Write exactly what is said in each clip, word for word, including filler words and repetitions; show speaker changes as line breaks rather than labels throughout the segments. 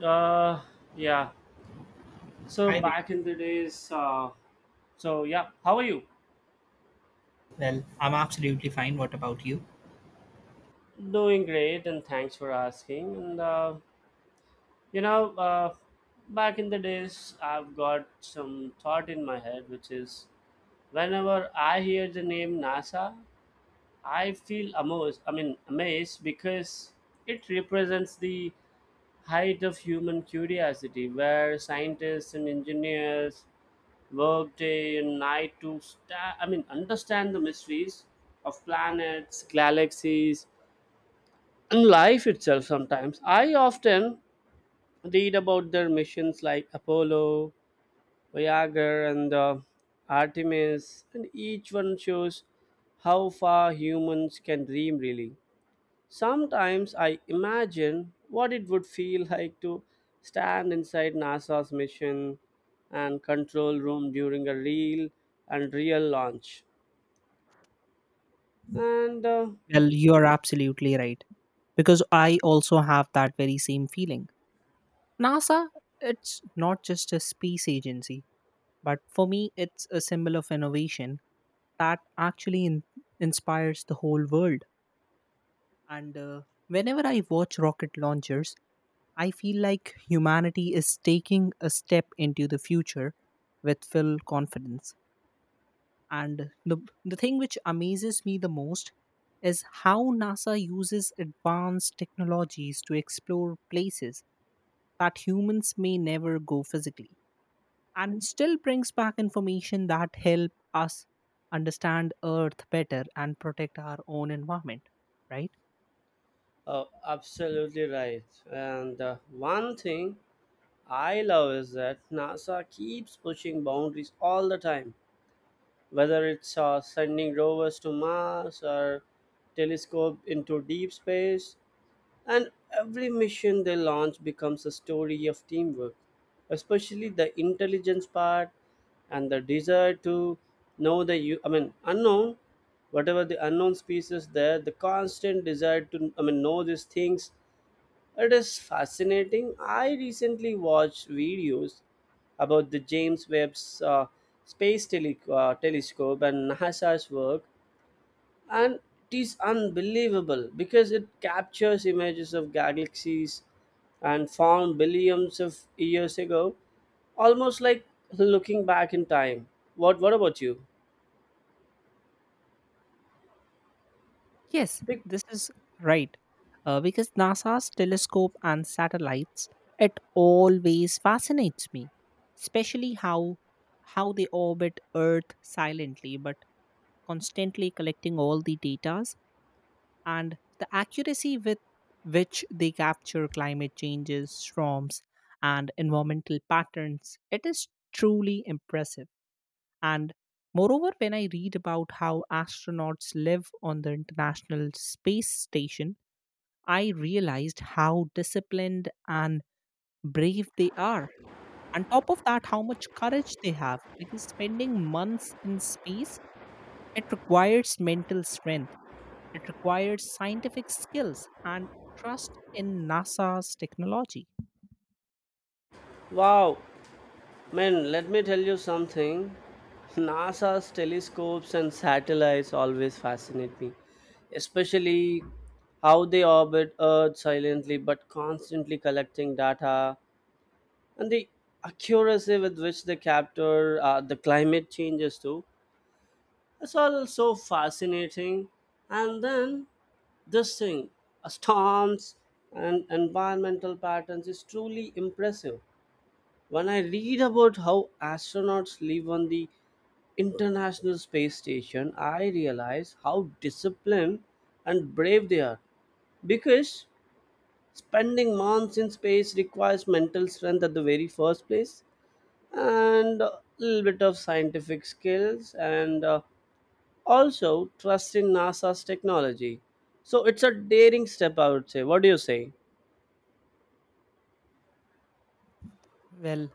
Uh, yeah. So
Hi there.
back in the days, uh, so yeah, how are you?
Well, I'm absolutely fine. What about you?
Doing great, and thanks for asking. And uh, you know, uh, back in the days, I've got some thought in my head, which is whenever I hear the name NASA, I feel amazed. I mean, amazed because it represents the height of human curiosity, where scientists and engineers work day and night to sta- I mean understand the mysteries of planets, galaxies, and life itself sometimes. I often read about their missions like Apollo, Voyager, and uh, Artemis, and each one shows how far humans can dream really. Sometimes I imagine what it would feel like to stand inside NASA's mission and control room during a real and real launch. And uh,
Well, you're absolutely right, because I also have that very same feeling. NASA, it's not just a space agency, but for me, it's a symbol of innovation that actually in- inspires the whole world. And uh, Whenever I watch rocket launchers, I feel like humanity is taking a step into the future with full confidence. And the, the thing which amazes me the most is how NASA uses advanced technologies to explore places that humans may never go physically, and still brings back information that help us understand earth better and protect our own environment, right?
uh, Absolutely right. And uh, one thing I love is that NASA keeps pushing boundaries all the time, whether it's uh, sending rovers to Mars or telescope into deep space. And every mission they launch becomes a story of teamwork, especially the intelligence part and the desire to know the u- I mean unknown, whatever the unknown species there, the constant desire to I mean know these things. It is fascinating. I recently watched videos about the James Webb's uh, Space Tele- uh, Telescope and NASA's work and it is unbelievable because it captures images of galaxies and found billions of years ago almost like looking back in time. What what about you?
Yes,
Pic-
this is right. Uh, because NASA's telescope and satellites, it always fascinates me, especially how how they orbit Earth silently but constantly collecting all the datas, and the accuracy with which they capture climate changes, storms, and environmental patterns. It is truly impressive. And moreover, when I read about how astronauts live on the International Space Station, I realized how disciplined and brave they are. On top of that, how much courage they have, because spending months in space, it requires mental strength. It required scientific skills and trust in NASA's technology.
wow, man, let me tell you something. NASA's telescopes and satellites always fascinate me, especially how they orbit earth silently but constantly collecting data, and the accuracy with which they capture uh, the climate changes too. It's all so fascinating. And then this thing, uh, storms and environmental patterns is truly impressive. When I read about how astronauts live on the international space station, I realize how disciplined and brave they are, because spending months in space requires mental strength at the very first place, and a little bit of scientific skills and uh, also trust in NASA's technology. So it's a daring step, I would say. What do you say?
Well,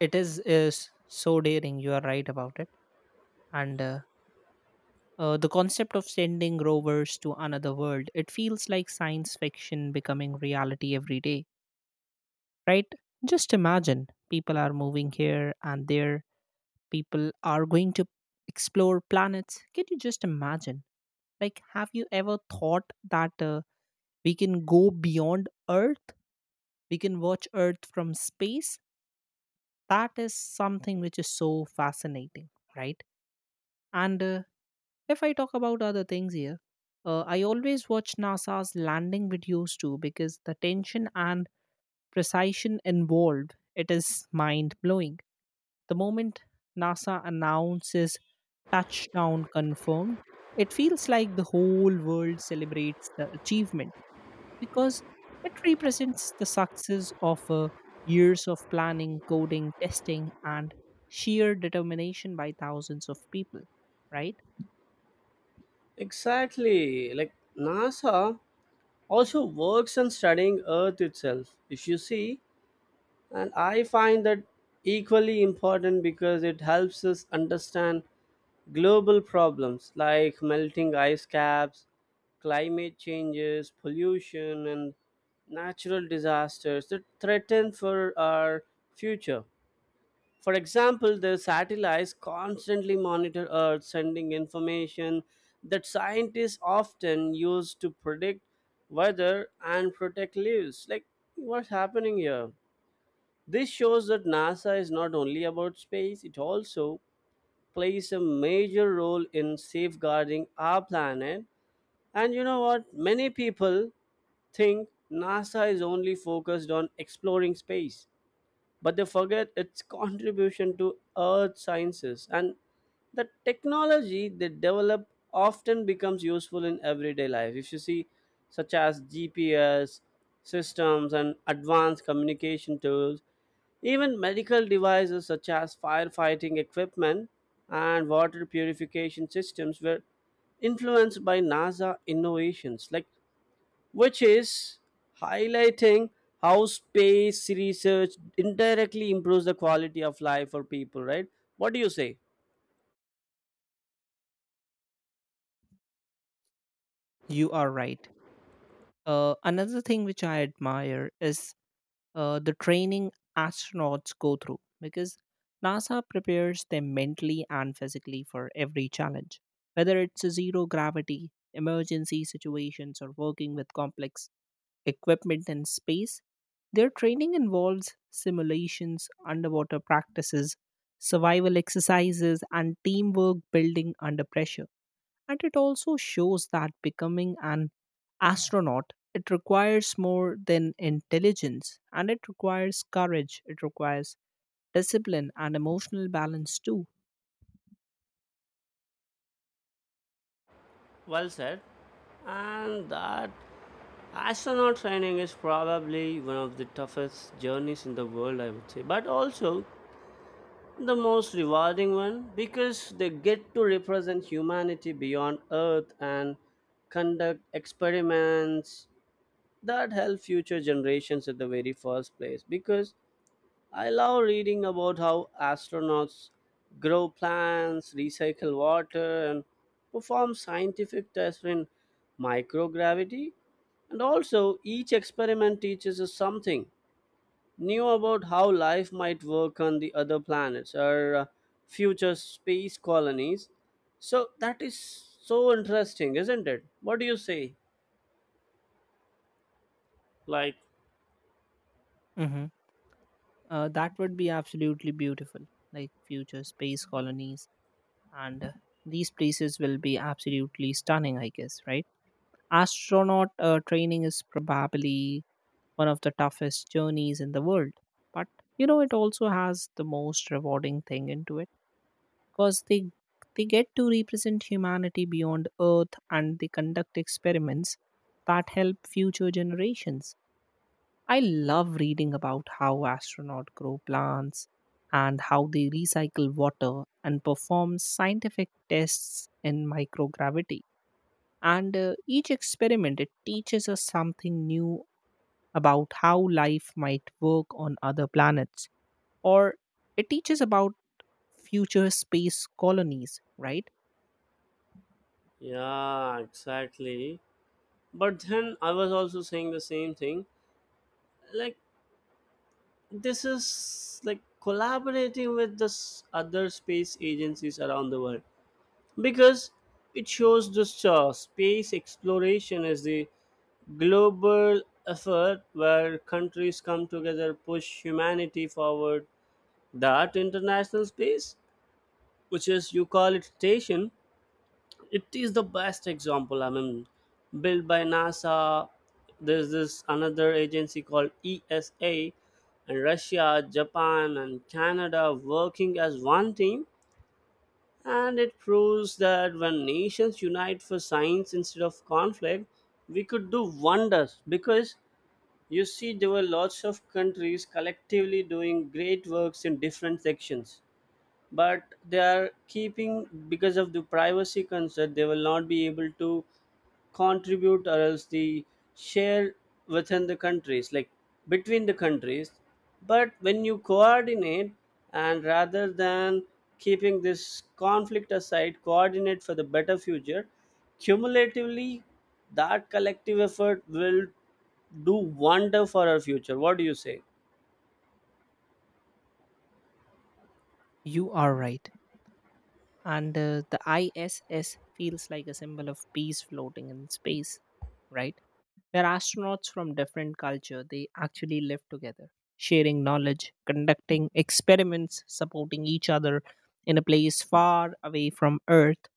it is is so daring. You are right about it, and uh, uh, the concept of sending rovers to another world. It feels like science fiction becoming reality every day, right? Just imagine people are moving here and there, people are going to explore planets. Can you just imagine? Like, have you ever thought that uh, we can go beyond Earth? We can watch Earth from space? That is something which is so fascinating, right? And uh, If I talk about other things here, uh, I always watch NASA's landing videos too, because the tension and precision involved, it is mind blowing. The moment NASA announces touchdown confirmed, it feels like the whole world celebrates the achievement, because it represents the success of uh, years of planning, coding, testing, and sheer determination by thousands of people, right?
Exactly. Like NASA also works on studying Earth itself. If you see, and I find that equally important because it helps us understand global problems like melting ice caps, climate changes, pollution, and natural disasters that threaten for our future. For example, the satellites constantly monitor Earth, sending information that scientists often use to predict weather and protect lives. Like, what's happening here? This shows that NASA is not only about space, it also plays a major role in safeguarding our planet. And you know what? Many people think NASA is only focused on exploring space, but they forget its contribution to earth sciences, and the technology they develop often becomes useful in everyday life, if you see, such as GPS systems and advanced communication tools, even medical devices such as firefighting equipment and water purification systems were influenced by NASA innovations, like which is highlighting how space research indirectly improves the quality of life for people, right? What do you say?
You are right. Uh, another thing which I admire is uh, the training astronauts go through, because NASA prepares them mentally and physically for every challenge, whether it's zero gravity, emergency situations, or working with complex equipment in space. Their training involves simulations, underwater practices, survival exercises, and teamwork building under pressure. And it also shows that becoming an astronaut, it requires more than intelligence, and it requires courage, it requires discipline and emotional balance too.
Well said. And that astronaut training is probably one of the toughest journeys in the world, I would say, but also the most rewarding one because they get to represent humanity beyond Earth and conduct experiments that help future generations at the very first place. Because I love reading about how astronauts grow plants, recycle water, and perform scientific tests in microgravity. And also, each experiment teaches us something new about how life might work on the other planets or uh, future space colonies. So, that is so interesting, isn't it? What do you say? Like,
Hmm. Uh, that would be absolutely beautiful, like future space colonies, and uh, these places will be absolutely stunning, I guess, right? Astronaut uh, training is probably one of the toughest journeys in the world, but you know, it also has the most rewarding thing into it, because they they get to represent humanity beyond earth, and they conduct experiments that help future generations. I love reading about how astronauts grow plants, and how they recycle water and perform scientific tests in microgravity. And uh, Each experiment, it teaches us something new about how life might work on other planets, or it teaches about future space colonies, right?
yeah, exactly. But then I was also saying the same thing. Like, this is like collaborating with the s- other space agencies around the world because it shows this uh, space exploration as the global effort where countries come together push humanity forward. That international space, which is you call it station, it is the best example. I mean, built by NASA. There's this another agency called ESA and Russia, Japan, and Canada working as one team, and it proves that when nations unite for science instead of conflict, we could do wonders. Because you see, there were lots of countries collectively doing great works in different sections, but they are keeping, because of the privacy concern they will not be able to contribute or else the share within the countries, like between the countries. But when you coordinate, and rather than keeping this conflict aside coordinate for the better future cumulatively, that collective effort will do wonder for our future. What do you say?
You are right. And uh, The I S S feels like a symbol of peace floating in space, right? Where astronauts from different culture, they actually live together, sharing knowledge, conducting experiments, supporting each other in a place far away from Earth.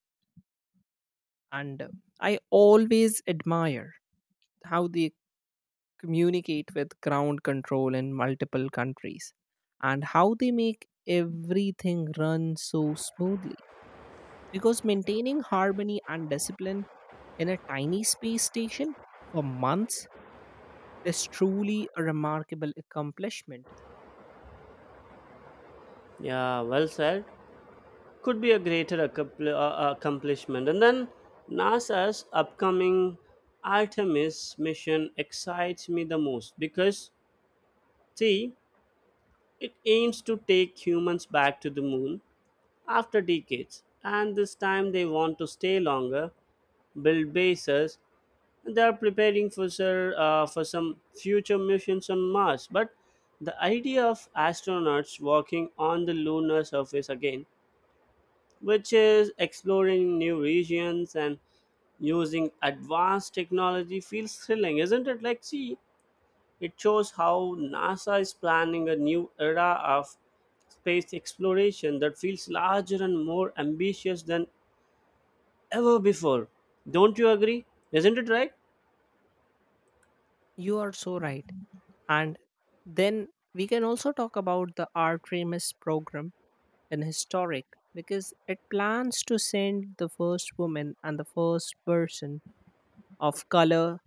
And uh, I always admire how they communicate with ground control in multiple countries, and how they make everything run so smoothly, because maintaining harmony and discipline in a tiny space station for months is truly a remarkable accomplishment.
Yeah, well said. Could be a greater accompli- uh, accomplishment. And then NASA's upcoming Artemis mission excites me the most because, see, it aims to take humans back to the moon after decades. And this time they want to stay longer, build bases, and they are preparing for, sir, uh, for some future missions on Mars. But the idea of astronauts walking on the lunar surface again, which is exploring new regions and using advanced technology feels thrilling, isn't it? Like, see, it shows how NASA is planning a new era of space exploration that feels larger and more ambitious than ever before. Don't you agree? Isn't it right?
You are so right. And then we can also talk about the Artemis program in historic, because it plans to send the first woman and the first person of color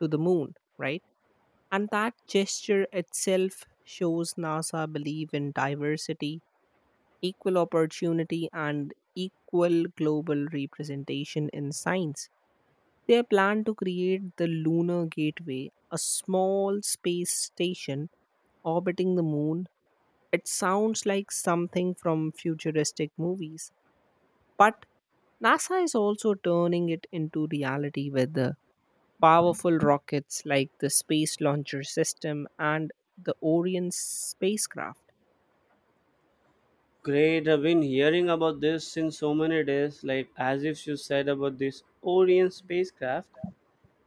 to the moon, right? And that gesture itself shows NASA believe in diversity, equal opportunity, and equal global representation in science. Their plan to create the Lunar Gateway, a small space station orbiting the moon, it sounds like something from futuristic movies. But NASA is also turning it into reality with the powerful rockets like the Space Launcher System and the Orion spacecraft.
Great, I've been hearing about this since so many days, like as if you said about this Orion spacecraft.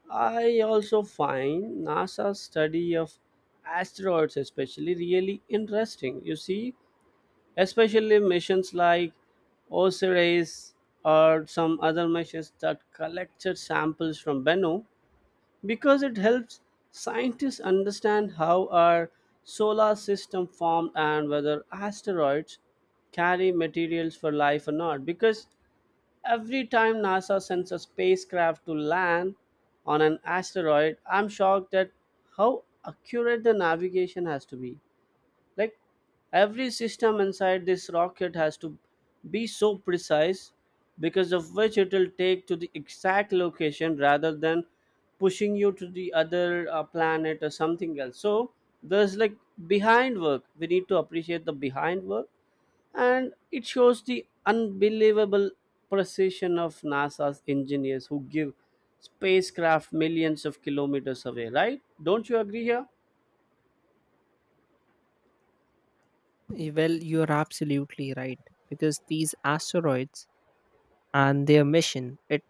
I also find NASA's study of asteroids especially really interesting. You see, especially missions like OSIRIS or some other missions that collected samples from Bennu, because it helps scientists understand how our solar system formed and whether asteroids carry materials for life or not. Because every time NASA sends a spacecraft to land on an asteroid, I'm shocked at how accurate the navigation has to be. Like every system inside this rocket has to be so precise, because of which it will take to the exact location rather than pushing you to the other uh, planet or something else. So there's like behind work. We need to appreciate the behind work, and it shows the unbelievable precision of NASA's engineers who give spacecraft millions of kilometers away, right? Don't you agree here?
Y- Well, you're absolutely right, because these asteroids and their mission, it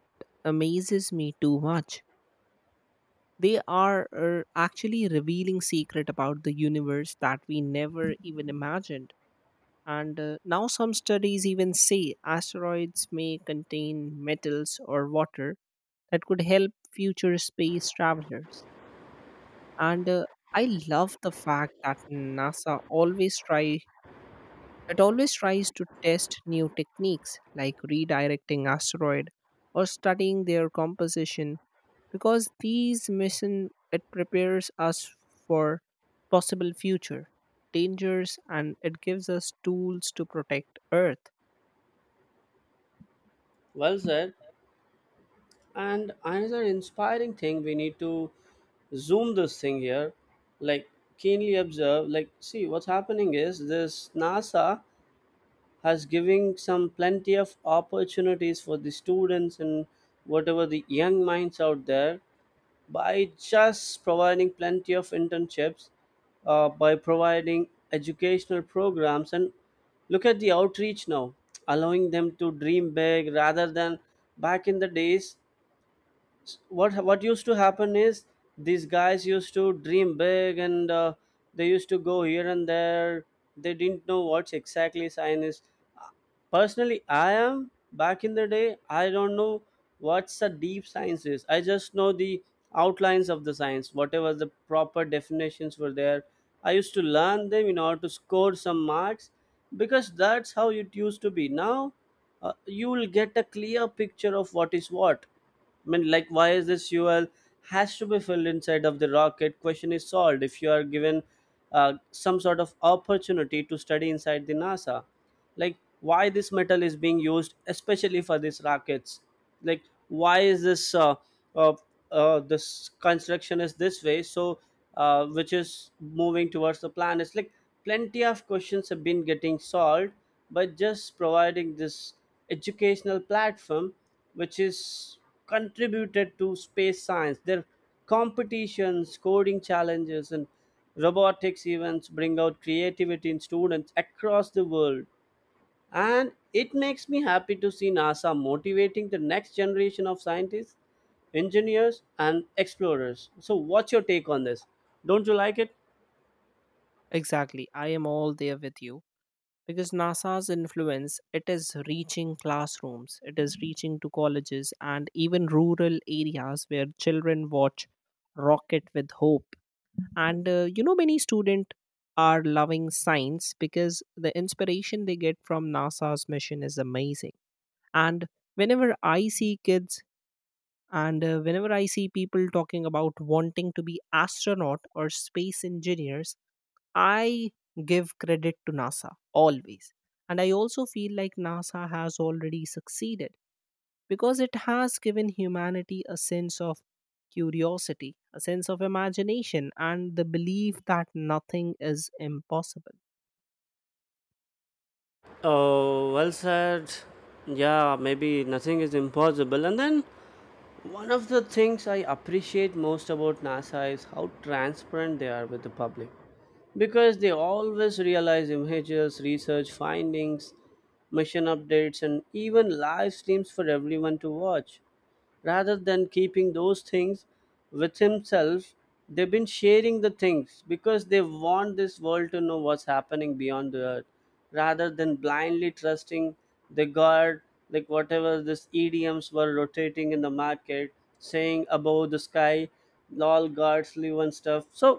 amazes me too much. They are uh, actually revealing secret about the universe that we never even imagined. And uh, Now some studies even say asteroids may contain metals or water that could help future space travelers. And uh, I love the fact that NASA always try It always tries to test new techniques like redirecting asteroid or studying their composition, because these mission, it prepares us for possible future dangers, and it gives us tools to protect earth.
Well said. And another inspiring thing we need to zoom this thing here, like keenly observe, like see what's happening is this NASA has giving some plenty of opportunities for the students and whatever the young minds out there by just providing plenty of internships, uh, by providing educational programs, and look at the outreach now, allowing them to dream big rather than back in the days. S- what what used to happen is these guys used to dream big, and uh, they used to go here and there. They didn't know what's exactly science is. Personally I am, back in the day, I don't know what's a deep science is. I just know the outlines of the science, whatever the proper definitions were there, I used to learn them in order to score some marks, because that's how it used to be. Now, uh, you will get a clear picture of what is what. I mean, like, why is this fuel has to be filled inside of the rocket? Question is solved if you are given uh, some sort of opportunity to study inside the NASA. Like, why this metal is being used, especially for these rockets? Like, why is this uh, uh, uh, this construction is this way? So, uh, which is moving towards the planets? Like, plenty of questions have been getting solved by just providing this educational platform, which is contributed to space science. Their competitions, coding challenges, and robotics events bring out creativity in students across the world. And it makes me happy to see NASA motivating the next generation of scientists, engineers, and explorers. So, what's your take on this? Don't you like it?
Exactly, I am all there with you, because NASA's influence, it is reaching classrooms, it is reaching to colleges and even rural areas where children watch rocket with hope. And uh, You know, many students are loving science because the inspiration they get from NASA's mission is amazing. And whenever I see kids, and uh, whenever I see people talking about wanting to be astronaut or space engineers, I give credit to NASA always. And I also feel like NASA has already succeeded, because it has given humanity a sense of curiosity, a sense of imagination, and the belief that nothing is impossible.
Oh, well said. Yeah, maybe nothing is impossible. And then one of the things I appreciate most about NASA is how transparent they are with the public, because they always realize images, research findings, mission updates, and even live streams for everyone to watch rather than keeping those things with himself. They've been sharing the things because they want this world to know what's happening beyond the earth, rather than blindly trusting the god, like whatever this EDMs were rotating in the market saying above the sky, lol, gods live and stuff. So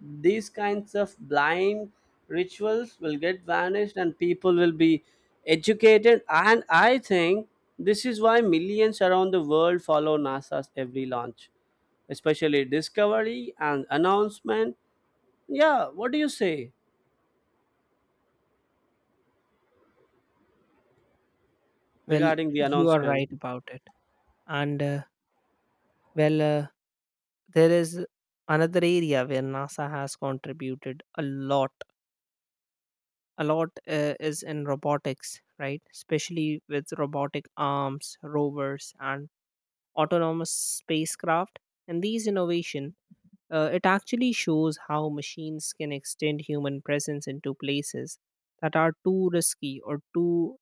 these kinds of blind rituals will get vanished and people will be educated, and I think this is why millions around the world follow NASA's every launch, especially discovery and announcement, yeah, what do you say
Well,
regarding the
you are
announcement?
right about it. And uh, well, uh, there is another area where NASA has contributed a lot. A lot uh, is in robotics, right? Especially with robotic arms, rovers, and autonomous spacecraft. And these innovation, Uh, it actually shows how machines can extend human presence into places that are too risky or too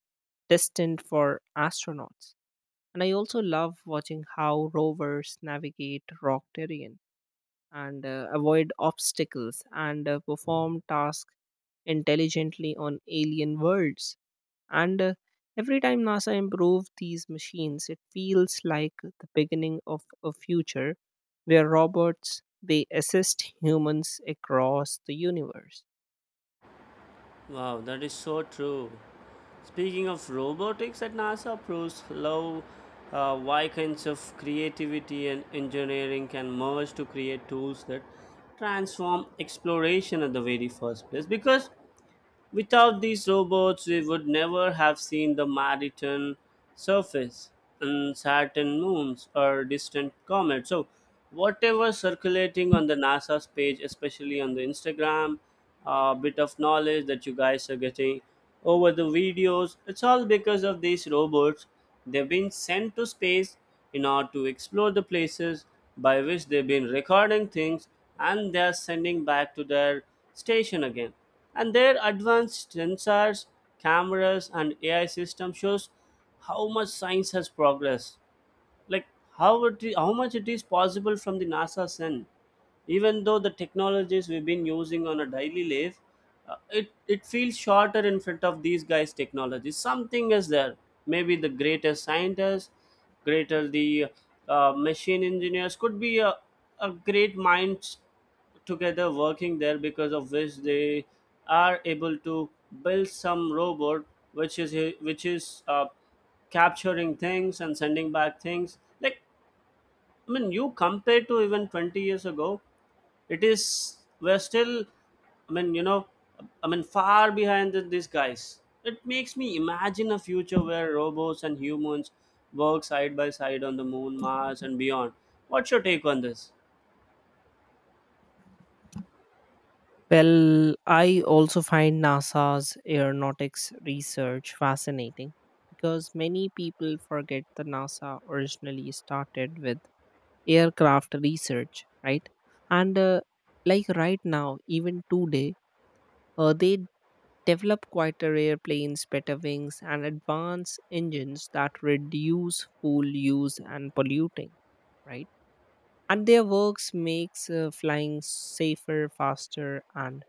distant for astronauts. And I also love watching how rovers navigate rock terrain, and uh, avoid obstacles, and uh, perform tasks intelligently on alien worlds. And uh, Every time NASA improve these machines, it feels like the beginning of a future where robots, they assist humans across the universe.
Wow, that is so true. Speaking of robotics at NASA proves how uh, why kinds of creativity and engineering can merge to create tools that transform exploration at the very first place. Because without these robots, we would never have seen the Maritan surface and Saturn moons or distant comets. So, whatever circulating on the NASA's page, especially on the Instagram, a bit of knowledge that you guys are getting over the videos, it's all because of these robots. They've been sent to space in order to explore the places by which they've been recording things and they're sending back to their station again. And their advanced sensors, cameras, and ai system shows how much science has progressed, like how it is, how much it is possible from the nasa sun. Even though the technologies we've been using on a daily life, uh, it it feels shorter in front of these guys technologies. Something is there, maybe the greatest scientists, greater the uh, machine engineers could be a, a great minds together working there, because of which they are able to build some robot which is which is uh, capturing things and sending back things. Like, I mean you compare to even twenty years ago, it is, we're still, i mean you know i mean far behind the, these guys. It makes me imagine a future where robots and humans work side by side on the moon, mars, and beyond. What's your take on this?
Well, I also find NASA's aeronautics research fascinating, because many people forget that NASA originally started with aircraft research, right? And uh, Like right now, even today, Uh, they develop quieter airplanes, better wings, and advanced engines that reduce fuel use and polluting, right? And their works makes uh, flying safer, faster, and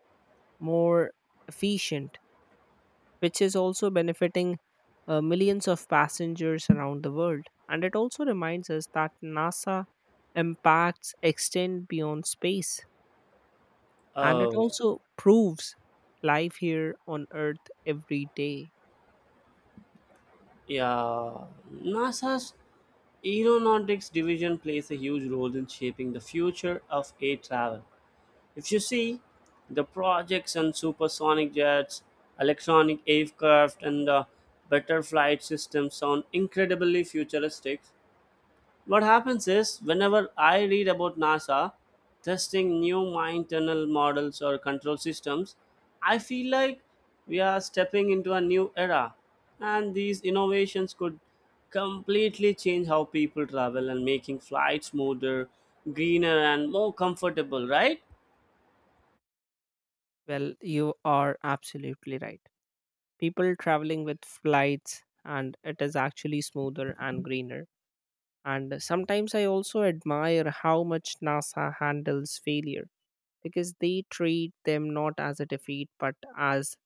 more efficient, which is also benefiting uh, millions of passengers around the world. And it also reminds us that NASA impacts extend beyond space, and it
Oh.
also proves life here on Earth every day.
Yeah, NASA's Aeronautics Division plays a huge role in shaping the future of air travel. If you see, the projects on supersonic jets, electronic aircraft, and the better flight systems sound incredibly futuristic. What happens is, whenever I read about NASA testing new mine tunnel models or control systems, I feel like we are stepping into a new era. And these innovations could completely change how people travel, and making flights smoother, greener, and more comfortable, right?
Well, you are absolutely right. People traveling with flights, and it is actually smoother and greener. And sometimes I also admire how much NASA handles failure, because they treat them not as a defeat but as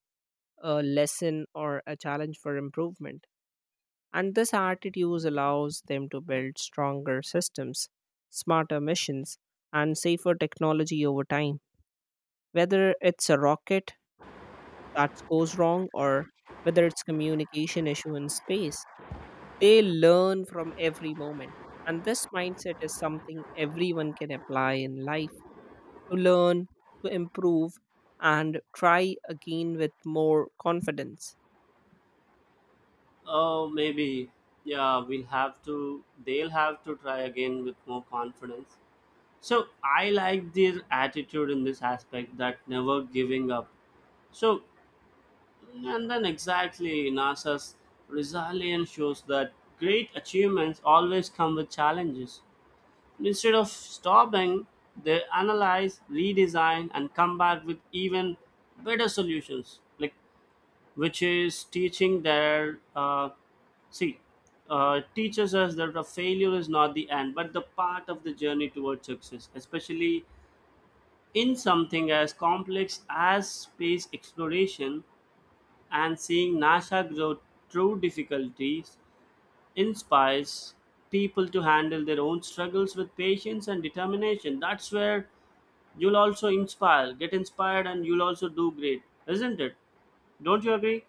a lesson or a challenge for improvement. And this attitude allows them to build stronger systems, smarter missions, and safer technology over time. Whether it's a rocket that goes wrong, or whether it's communication issue in space, they learn from every moment. And this mindset is something everyone can apply in life, to learn, to improve, and try again with more confidence.
Oh, maybe. Yeah, we'll have to, they'll have to try again with more confidence. So I like their attitude in this aspect, that never giving up. So, and then exactly, NASA's resilience shows that great achievements always come with challenges. Instead of stopping, they analyze, redesign, and come back with even better solutions. Like, which is teaching their uh, see, uh, teaches us that a failure is not the end, but the part of the journey towards success, especially in something as complex as space exploration. And seeing NASA grow through difficulties inspires people to handle their own struggles with patience and determination. That's where you'll also inspire, get inspired, and you'll also do great, isn't it? Don't you agree?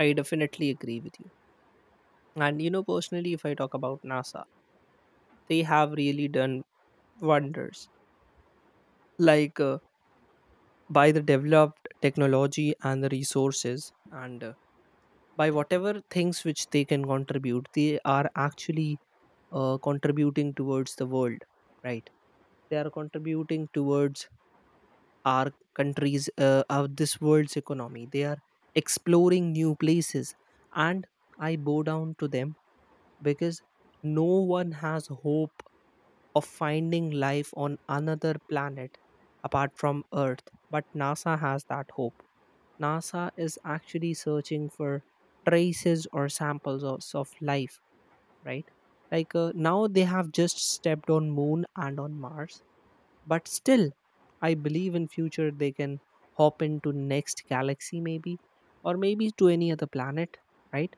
I definitely agree with you. And you know, personally, if I talk about NASA, they have really done wonders. Like uh, by the developed technology and the resources, and uh, by whatever things which they can contribute, they are actually uh, contributing towards the world, right? They are contributing towards our countries uh, of this world's economy. They are exploring new places. And I bow down to them, because no one has hope of finding life on another planet apart from earth, but NASA has that hope. NASA is actually searching for traces or samples of, of life, right? Like uh, now they have just stepped on moon and on mars, but still, I believe in future they can hop into next galaxy maybe, or maybe to any other planet, right?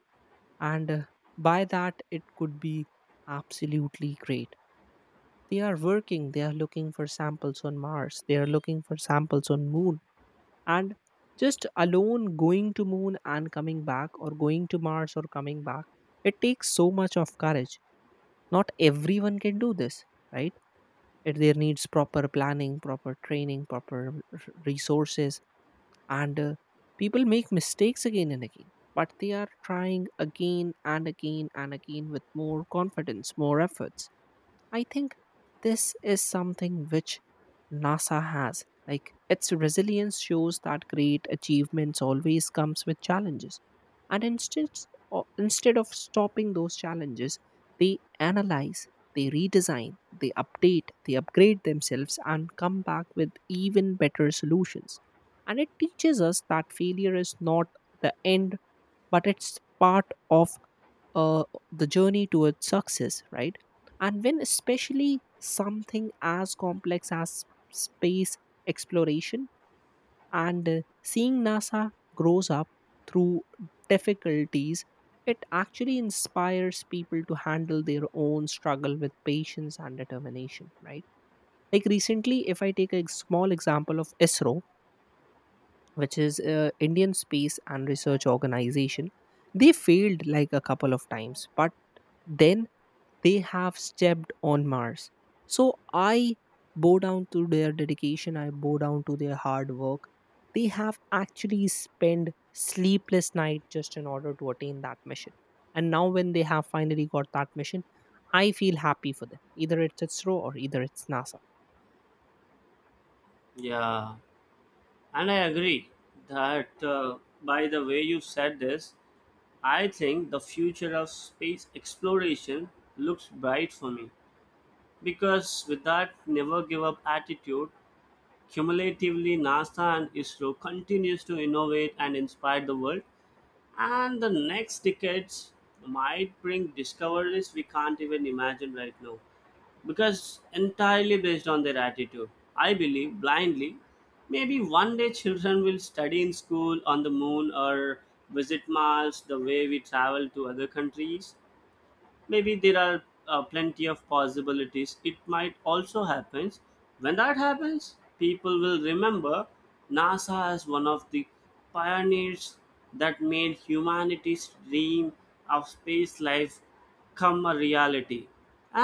and uh, By that, it could be absolutely great. They are working, they are looking for samples on mars, they are looking for samples on moon. And just alone going to moon and coming back, or going to mars or coming back, it takes so much of courage. Not everyone can do this, right? It there needs proper planning, proper training, proper r- resources. And uh, People make mistakes again and again, but they are trying again and again and again with more confidence, more efforts. I think this is something which NASA has. Like its resilience shows that great achievements always comes with challenges. And instead o- instead of stopping those challenges, they analyze, they redesign, they update, they upgrade themselves and come back with even better solutions. And it teaches us that failure is not the end, but it's part of uh, the journey towards success, right? And when especially something as complex as space exploration, and uh, seeing NASA grows up through difficulties, it actually inspires people to handle their own struggle with patience and determination, right? Like recently, if I take a small example of ISRO, which is uh, Indian Space and Research Organization, they failed like a couple of times, but then they have stepped on Mars. So I bow down to their dedication, I bow down to their hard work. They have actually spent sleepless night just in order to attain that mission. And now when they have finally got that mission, I feel happy for them. Either it's ISRO or either it's NASA.
Yeah, and I agree that, uh, by the way you said this, I think the future of space exploration looks bright for me, because with that never give up attitude, cumulatively, NASA and I S R O continues to innovate and inspire the world, and the next decades might bring discoveries we can't even imagine right now, because entirely based on their attitude. I believe blindly, maybe one day children will study in school on the moon or visit Mars the way we travel to other countries. Maybe there are uh, plenty of possibilities, it might also happens. When that happens, people will remember nasa as one of the pioneers that made humanity's dream of space life come a reality.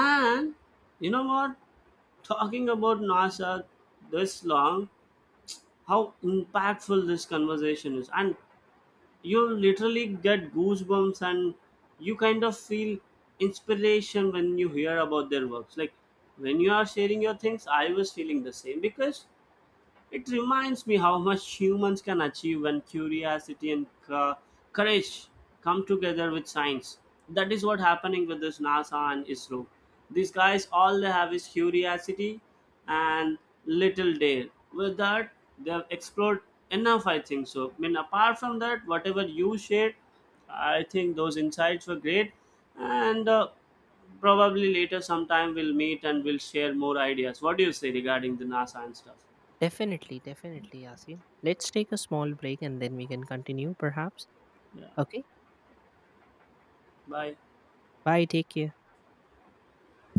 And you know what, talking about nasa this long, how impactful this conversation is. And you literally get goosebumps, and you kind of feel inspiration when you hear about their works. Like when you are sharing your things, I was feeling the same, because it reminds me how much humans can achieve when curiosity and co- courage come together with science. That is what happening with this NASA and I S R O. These guys, all they have is curiosity and little dare. With that, they have explored enough, I think so. I mean, apart from that, whatever you shared, I think those insights were great. And uh, probably later sometime we'll meet and we'll share more ideas. What do you say regarding the NASA and stuff?
Definitely, definitely, Yasin. Let's take a small break and then we can continue perhaps.
Yeah.
Okay.
Bye.
Bye. Take care.